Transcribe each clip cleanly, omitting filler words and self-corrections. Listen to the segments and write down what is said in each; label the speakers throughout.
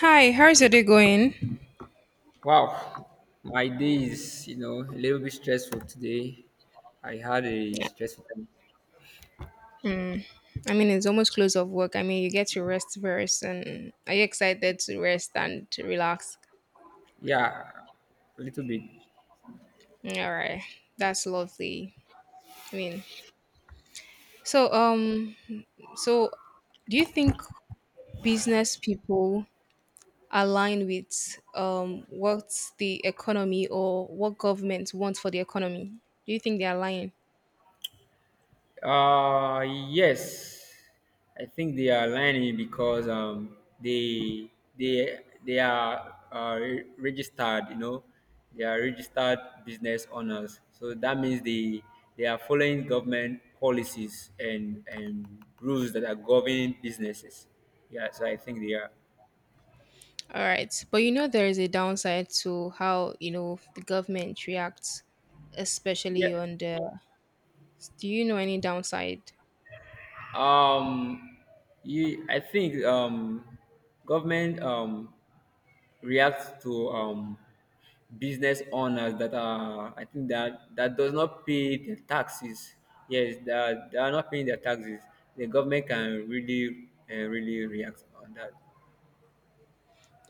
Speaker 1: Hi, how's your day going?
Speaker 2: Wow, my day is, a little bit stressful today. I had a
Speaker 1: Yeah,
Speaker 2: stressful time.
Speaker 1: Mm, I mean, it's almost close of work. I mean, you get to rest first, and are you excited to rest and to relax?
Speaker 2: Yeah, a little bit.
Speaker 1: Mm, all right, that's lovely. I mean, so um, so do you think business people align with what the economy or what government wants for the economy? Do you think they align?
Speaker 2: Uh, yes, I think they are lying because they they are registered, they are registered business owners. So that means they are following government policies and rules that are governing businesses. Yeah, so I think they are.
Speaker 1: All right, but you know there is a downside to how the government reacts
Speaker 2: Yeah.
Speaker 1: especially on the. Do you know any downside?
Speaker 2: um you I think government reacts to business owners that are, I think, that does not pay their taxes. Yes, that they are not paying their taxes, the government can really really react on that.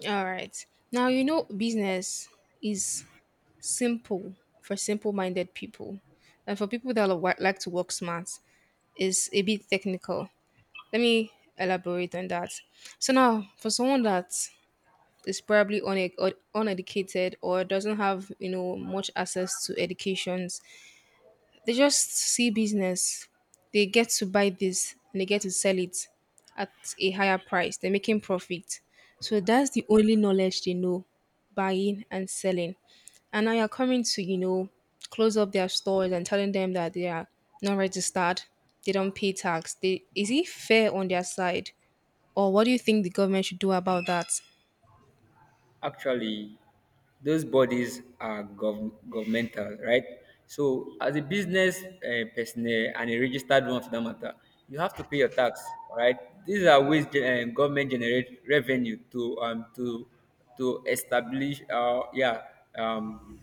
Speaker 1: All right. Now, business is simple for simple minded people. And for people that like to work smart, is a bit technical. Let me elaborate on that. So, now for someone that is probably une- or uneducated or doesn't have, much access to educations. They just see business. They get to buy this and they get to sell it at a higher price. They're making profit. So that's the only knowledge they know, buying and selling. And now you're coming to, close up their stores and telling them that they are not registered, they don't pay tax. Is it fair on their side? Or what do you think the government should do about that?
Speaker 2: Actually, those bodies are governmental, right? So, as a business personnel and a registered one for that matter, you have to pay your tax, right? These are ways government generate revenue to to establish yeah, um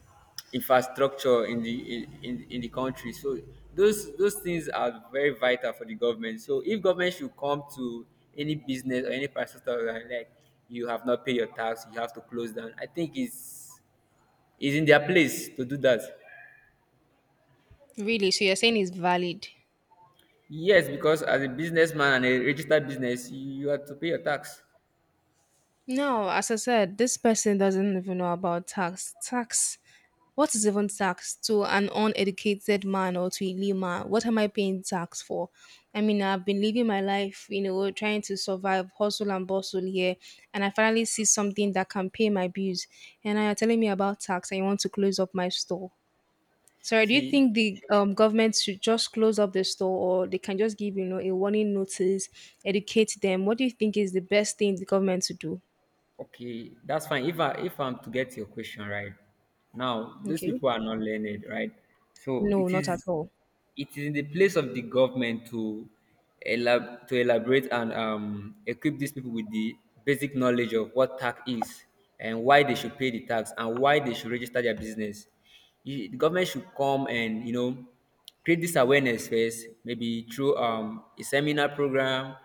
Speaker 2: infrastructure in the country. So those things are very vital for the government. So if government should come to any business or any infrastructure you have not paid your tax, you have to close down. I think it's in their place to do that.
Speaker 1: Really? So you're saying it's valid?
Speaker 2: Yes, because as a businessman and a registered business, you have to pay your tax.
Speaker 1: No, as I said, this person doesn't even know about tax. Tax. What is even tax to an uneducated man or to a layman? What am I paying tax for? I mean, I've been living my life, trying to survive, hustle and bustle here, and I finally see something that can pay my bills. And now you're telling me about tax, and you want to close up my store. Sorry, do you
Speaker 2: See,
Speaker 1: think the government should just close up the store, or they can just give a warning notice, educate them? What do you think is the best thing the government to do?
Speaker 2: okay, that's fine. If I'm to get your question right, now these
Speaker 1: Okay.
Speaker 2: people are not learned, right? So
Speaker 1: No,
Speaker 2: it
Speaker 1: not at
Speaker 2: is
Speaker 1: all.
Speaker 2: it is in the place of the government to to elaborate and equip these people with the basic knowledge of what tax is and why they should pay the tax and why they should register their business. The government should come and, you know, create this awareness first, maybe through a seminar program,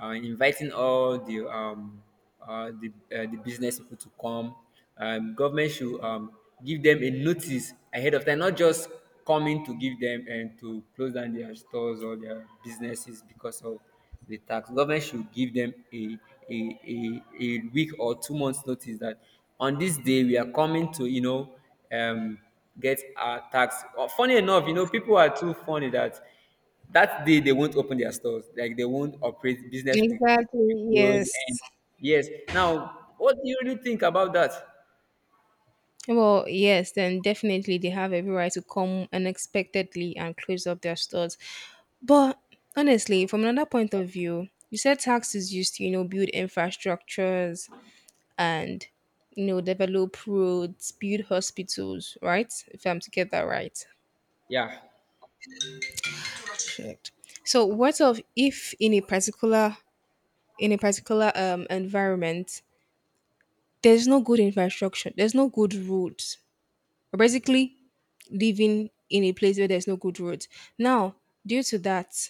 Speaker 2: inviting all the uh, the, the business people to come. Government should give them a notice ahead of time, not just coming to give them and to close down their stores or their businesses because of the tax. Government should give them a week or 2 months notice that on this day we are coming to, you know, um, get our tax. Funny enough, you know, people are too funny that that day they won't open their stores. Like, they won't operate business with
Speaker 1: Exactly,
Speaker 2: close and
Speaker 1: yes.
Speaker 2: yes. Now, what do you really think about that?
Speaker 1: Well, yes, then definitely they have every right to come unexpectedly and close up their stores. But honestly, from another point of view, you said tax is used to, build infrastructures and, develop roads, build hospitals, right? If I'm to get that right.
Speaker 2: Yeah.
Speaker 1: Correct. So what of if in a particular environment there's no good infrastructure, there's no good roads. Basically, living in a place where there's no good roads. Now, due to that,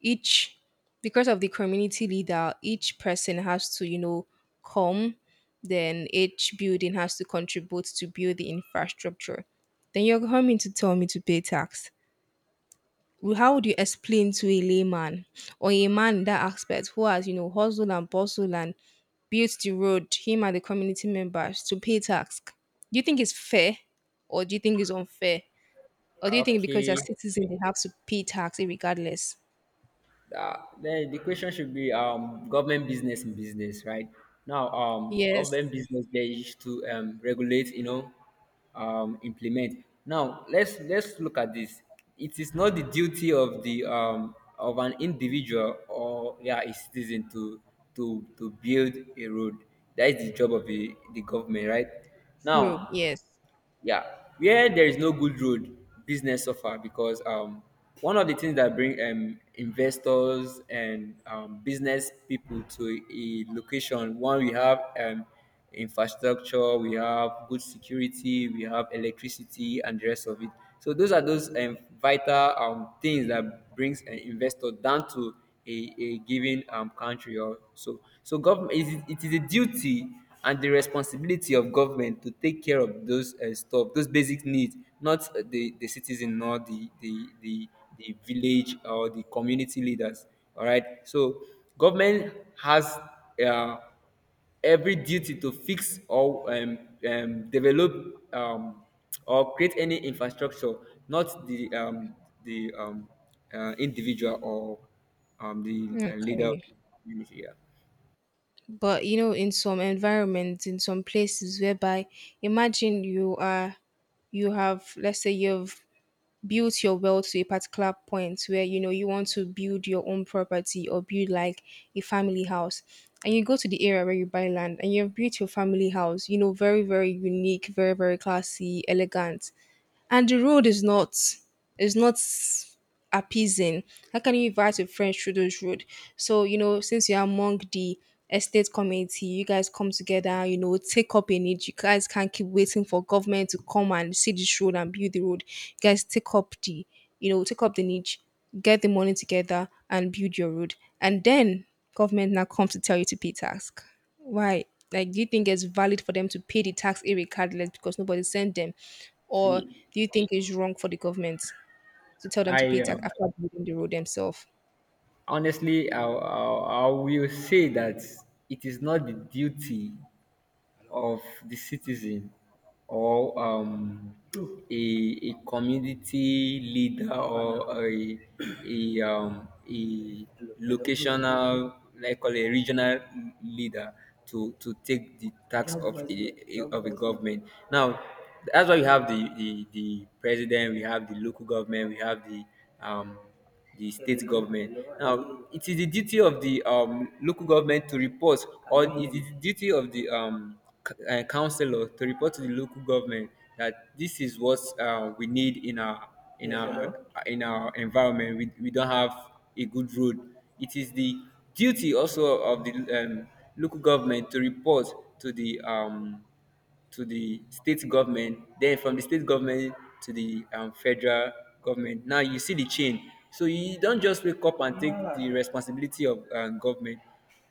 Speaker 1: each because of the community leader, each person has to, come, then each building has to contribute to build the infrastructure. Then you're coming to tell me to pay tax. Well, how would you explain to a layman or a man in that aspect who has, hustled and bustled and built the road, him and the community members to pay tax? Do you think it's fair or do you think it's unfair? Or do you think because they're
Speaker 2: Okay.
Speaker 1: citizens, they have to pay tax regardless?
Speaker 2: The question should be, government business in business, right? Now,
Speaker 1: Yes,
Speaker 2: government business they to regulate, you know, implement. Now, let's look at this. It is not the duty of the of an individual or yeah a citizen to to build a road. That is the job of the government, right?
Speaker 1: true.
Speaker 2: Now,
Speaker 1: Yes.
Speaker 2: yeah, where there is no good road, business suffer because one of the things that bring investors and, business people to a location: one, we have infrastructure, we have good security, we have electricity, and the rest of it. So those are those vital things that brings an investor down to a given country or so. So government, it is a duty and the responsibility of government to take care of those stuff, those basic needs, not the citizen, nor the village or the community leaders. All right. So government has uh, every duty to fix or develop or create any infrastructure, not the the um, individual or the leader of
Speaker 1: Okay.
Speaker 2: the community. Yeah.
Speaker 1: But in some environments, in some places whereby imagine you have, let's say you've built your wealth to a particular point where you know you want to build your own property or build like a family house. And you go to the area where you buy land and you've built your family house, very, very unique, very, very classy, elegant. And the road is not is not appeasing. How can you invite your friends through those road? So since you're among the estate committee, you guys come together. And, take up a need. You guys can't keep waiting for government to come and see this road and build the road. You guys take up the niche, get the money together and build your road. And then government now comes to tell you to pay tax. Why? Like, do you think it's valid for them to pay the tax irregardless because nobody sent them? Or
Speaker 2: See,
Speaker 1: do you think it's wrong for the government to tell them to
Speaker 2: I
Speaker 1: pay tax after building the road themselves?
Speaker 2: honestly, I will say that it is not the duty of the citizen or a community leader or a locational, like call a regional leader, to take the task of of a government. Now, that's why we have the president, we have the local government, we have um, the state government. Now, it is the duty of the local government to report, or it is the duty of the councillor to report to the local government that this is what we need in our in our environment. We don't have a good road. It is the duty also of the local government to report to the um, to the state government, then from the state government to the federal government. Now you see the chain. So you don't just wake up and take the responsibility of government.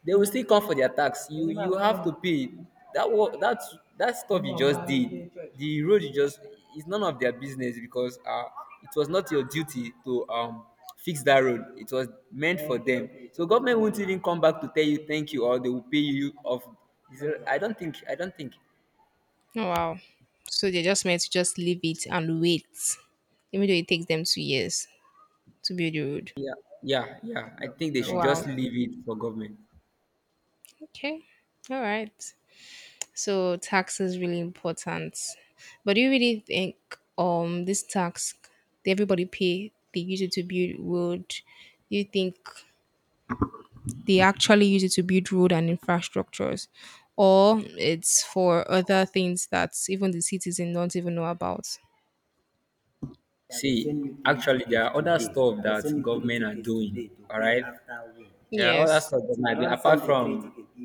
Speaker 2: They will still come for their tax. You have to pay. That work, that stuff you just did, the road you just— it's none of their business because it was not your duty to fix that road. It was meant for them. So government won't even come back to tell you thank you or they will pay you off. I don't think.
Speaker 1: Oh, wow. So they're just meant to just leave it and wait, even though it takes them 2 years to build the road.
Speaker 2: Yeah, yeah. I think they so should
Speaker 1: Wow.
Speaker 2: just leave it for government.
Speaker 1: Okay. All right. So tax is really important. But do you really think this tax that everybody pay they use it to build road? Do you think they actually use it to build road and infrastructures? Or it's for other things that even the citizen don't even know about.
Speaker 2: See, actually, there are other stuff that government are doing. All right, there are other
Speaker 1: Yes,
Speaker 2: stuff that might be apart from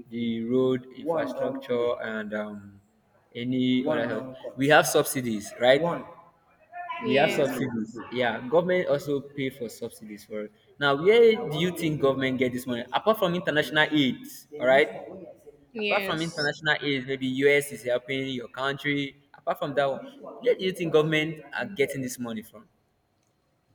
Speaker 2: the road infrastructure and, any other help. We have subsidies, right? We have
Speaker 1: yes,
Speaker 2: subsidies. Yeah, government also pay for subsidies for it. Now, where do you think government get this money apart from international aid? All right? Apart from
Speaker 1: yes.
Speaker 2: international aid, maybe US is helping your country. Apart from that one, where do you think government are getting this money from?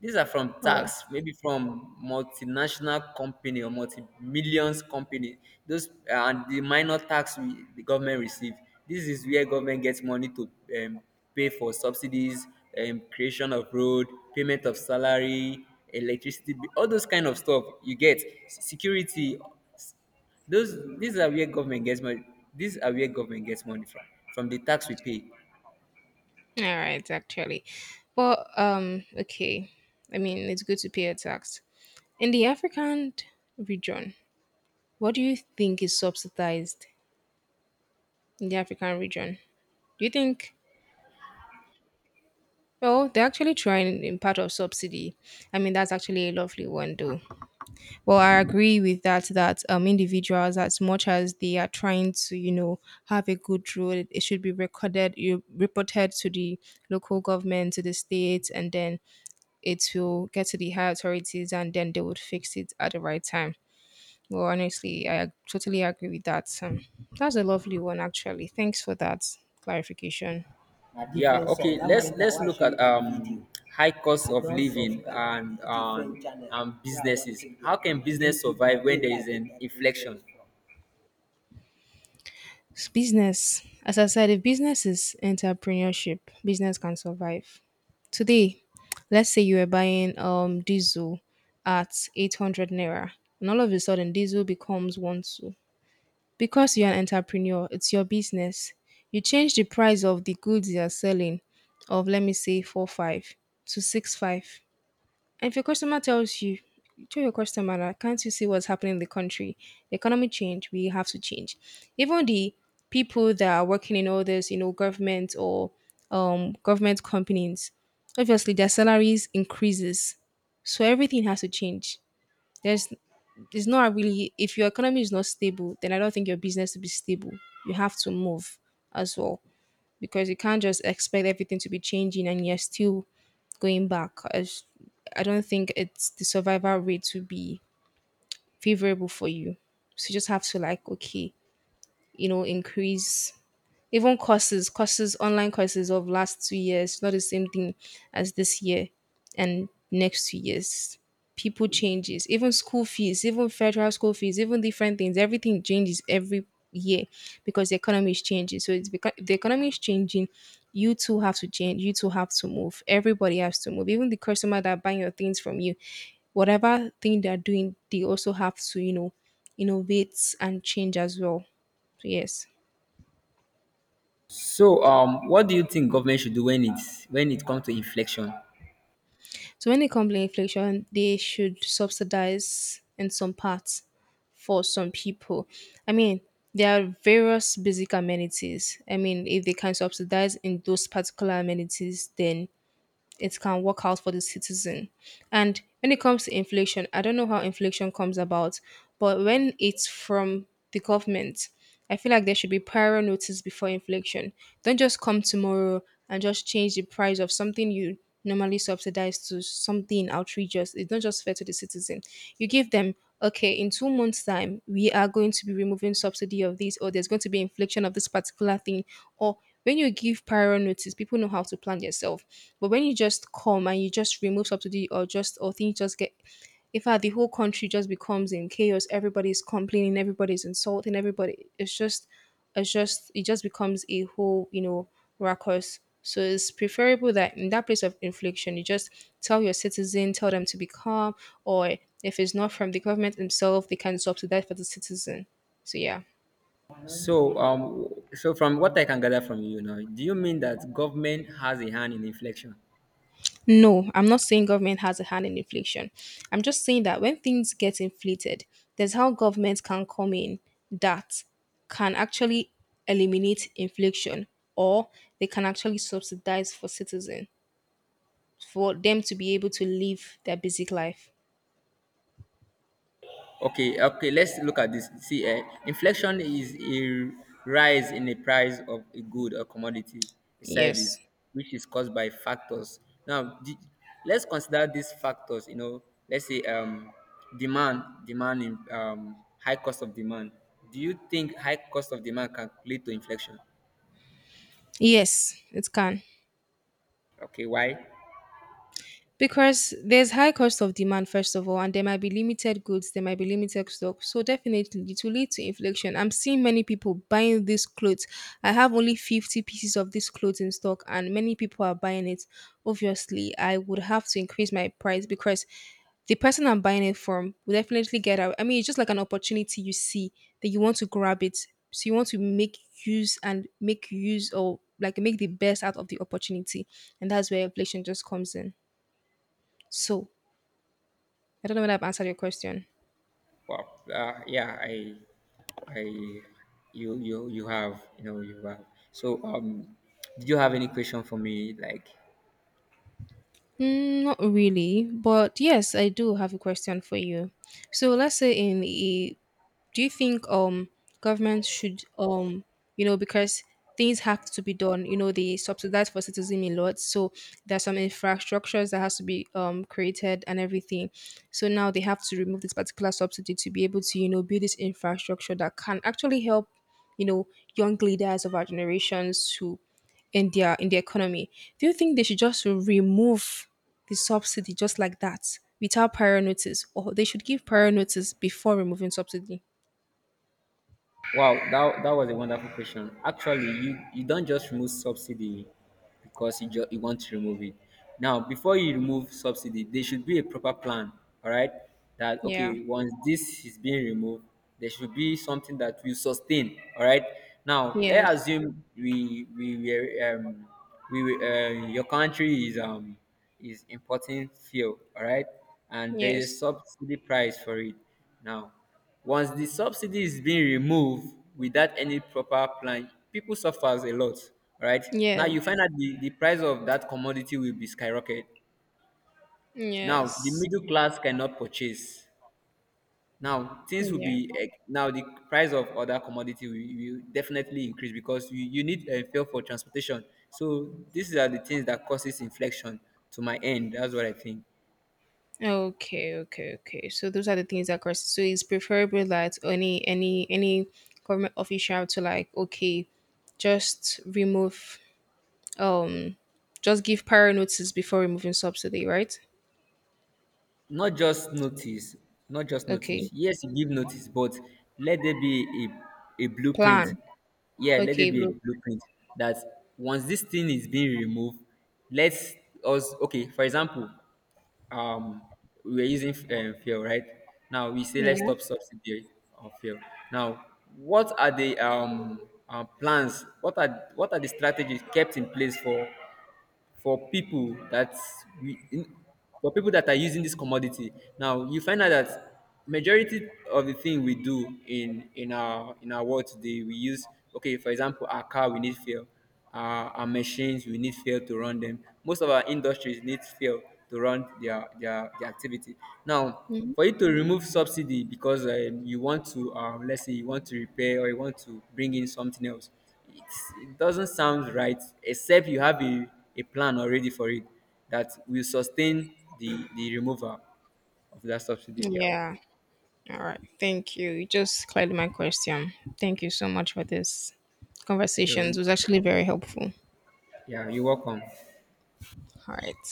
Speaker 2: These are from
Speaker 1: Oh, all
Speaker 2: tax, maybe from multinational company or multi-millions company. Those and the minor tax we, the government receive. This is where government gets money to um, pay for subsidies, creation of road, payment of salary, electricity, bill, all those kind of stuff. You get security. Those, these are where government gets money. These are where government gets money from the tax we pay.
Speaker 1: right, actually. But, okay. I mean, it's good to pay a tax. In the African region, what do you think is subsidized in the African region? Do you think, well, they're actually trying in part of subsidy. I mean, that's actually a lovely one, though. Well, I agree with that. That individuals, as much as they are trying to, have a good road, it should be recorded, you reported to the local government, to the state, and then it will get to the higher authorities, and then they would fix it at the right time. Well, honestly, I totally agree with that. That's a lovely one, actually. Thanks for that clarification.
Speaker 2: Yeah. Okay. Let's look at video high cost I of living and and businesses. How can business survive when video there is an inflection?
Speaker 1: Business. As I said, if business is entrepreneurship, business can survive. Today, let's say you are buying diesel at 800 naira, and all of a sudden diesel becomes one two. Because you're an entrepreneur, it's your business. You change the price of the goods you are selling of, let me say, four five to six five. If your customer tells you, tell your customer that can't you see what's happening in the country? The economy change, we have to change. Even the people that are working in all this, government or government companies, obviously their salaries increases. So everything has to change. There's it's not really, if your economy is not stable, then I don't think your business will be stable. You have to move as well because you can't just expect everything to be changing and you're still going back. I don't think it's the survival rate to be favorable for you. So you just have to like, okay, increase even online courses of last 2 years, not the same thing as this year and next 2 years. People changes. Even school fees, even federal school fees, even different things. Everything changes every year because the economy is changing. So it's because the economy is changing. You too have to change. You too have to move. Everybody has to move. Even the customer that buying your things from you, whatever thing they're doing, they also have to, innovate and change as well. So yes.
Speaker 2: So, what do you think government should do when it's when it comes to inflection?
Speaker 1: So when they comes to inflation, they should subsidize in some parts for some people. I mean, there are various basic amenities. I mean, if they can subsidize in those particular amenities, then it can work out for the citizen. And when it comes to inflation, I don't know how inflation comes about, but when it's from the government, I feel like there should be prior notice before inflation. Don't just come tomorrow and just change the price of something you normally subsidize to something outrageous. It's not just fair to the citizen. You give them, okay, in 2 months' time, we are going to be removing subsidy of this, or there's going to be inflation of this particular thing, or when you give prior notice, people know how to plan themselves. But when you just come and you just remove subsidy or things just get, in fact, the whole country just becomes in chaos. Everybody's complaining, everybody's insulting, everybody, it just becomes a whole, ruckus. So it's preferable that in that place of infliction, you just tell your citizen, tell them to be calm, or if it's not from the government themselves, they can subsidize for the citizen. So yeah.
Speaker 2: So, so from what I can gather from you now, do you mean that government has a hand in inflection?
Speaker 1: No, I'm not saying government has a hand in inflation. I'm just saying that when things get inflated, there's how government can come in that can actually eliminate inflation or they can actually subsidize for citizens for them to be able to live their basic life.
Speaker 2: Okay, okay, let's look at this. See, inflation is a rise in the price of a good or commodity, a
Speaker 1: Yes.
Speaker 2: service, which is caused by factors. Now, let's consider these factors. You know, let's say demand, in, high cost of demand. Do you think high cost of demand can lead to inflation?
Speaker 1: Yes, it can.
Speaker 2: Okay, why?
Speaker 1: Because there's high cost of demand, first of all, and there might be limited goods, there might be limited stock. So definitely it will lead to inflation. I'm seeing many people buying these clothes. I have only 50 pieces of this clothes in stock and many people are buying it. Obviously, I would have to increase my price because the person I'm buying it from will definitely get out. I mean, it's just like an opportunity you see that you want to grab it. So you want to make use and make use or like make the best out of the opportunity. And that's where inflation just comes in. So, I don't know whether I've answered your question.
Speaker 2: Well, yeah, I, you have, you know, you have. So, did you have any question for me? Like,
Speaker 1: Mm, not really, but yes, I do have a question for you. So, let's say in a do you think government should because things have to be done, they subsidize for citizen a lot, so there's some infrastructures that has to be created and everything, so now they have to remove this particular subsidy to be able to, build this infrastructure that can actually help, you know young leaders of our generations to in the economy. Do you think they should just remove the subsidy just like that without prior notice, or they should give prior notice before removing subsidy?
Speaker 2: wow, that was a wonderful question. Actually, you don't just remove subsidy because you want to remove it. Now, before you remove subsidy, there should be a proper plan, all right? That,
Speaker 1: Yeah.
Speaker 2: okay, once this is being removed, there should be something that will sustain, all right? Now, let's
Speaker 1: Yes.
Speaker 2: assume your country is importing fuel, all right? And there is a
Speaker 1: Yes.
Speaker 2: subsidy price for it. Now, once the subsidy is being removed without any proper plan, people suffers a lot, right?
Speaker 1: Yeah.
Speaker 2: Now you find out the price of that commodity will be skyrocketed. Now the
Speaker 1: Yes.
Speaker 2: middle class cannot purchase. Now things will
Speaker 1: Yeah.
Speaker 2: be eh, now the price of other commodity will definitely increase because you need a fuel for transportation. So these are the things that causes inflation to my end. That's what I think.
Speaker 1: Okay. Okay. Okay. So those are the things that cause. So it's preferable that any government official to like okay, just remove, um, just give prior notice before removing subsidy, right?
Speaker 2: Not just notice, not just notice.
Speaker 1: Okay.
Speaker 2: Yes, you give notice, but let there be a blueprint.
Speaker 1: Plan.
Speaker 2: Yeah, let there
Speaker 1: Okay,
Speaker 2: be a
Speaker 1: blue.
Speaker 2: blueprint that once this thing is being removed, let us, okay, for example, um we are using fuel right now. We say let's
Speaker 1: Yeah.
Speaker 2: stop subsidy of fuel now. What are the plans? What are what are the strategies kept in place for people that we in, for people that are using this commodity? Now you find out that majority of the thing we do in in our world today we use— okay, for example, our car, we need fuel. Our machines, we need fuel to run them. Most of our industries need fuel to run their activity. Now
Speaker 1: Mhm.
Speaker 2: for you to remove subsidy because, you want to let's say you want to repair or you want to bring in something else, it doesn't sound right except you have a plan already for it that will sustain the removal of that subsidy. Yeah,
Speaker 1: Yeah. All right. Thank you. You just cleared my question. Thank you so much for this
Speaker 2: you're,
Speaker 1: conversation. It was actually very helpful.
Speaker 2: yeah, you're welcome.
Speaker 1: All right.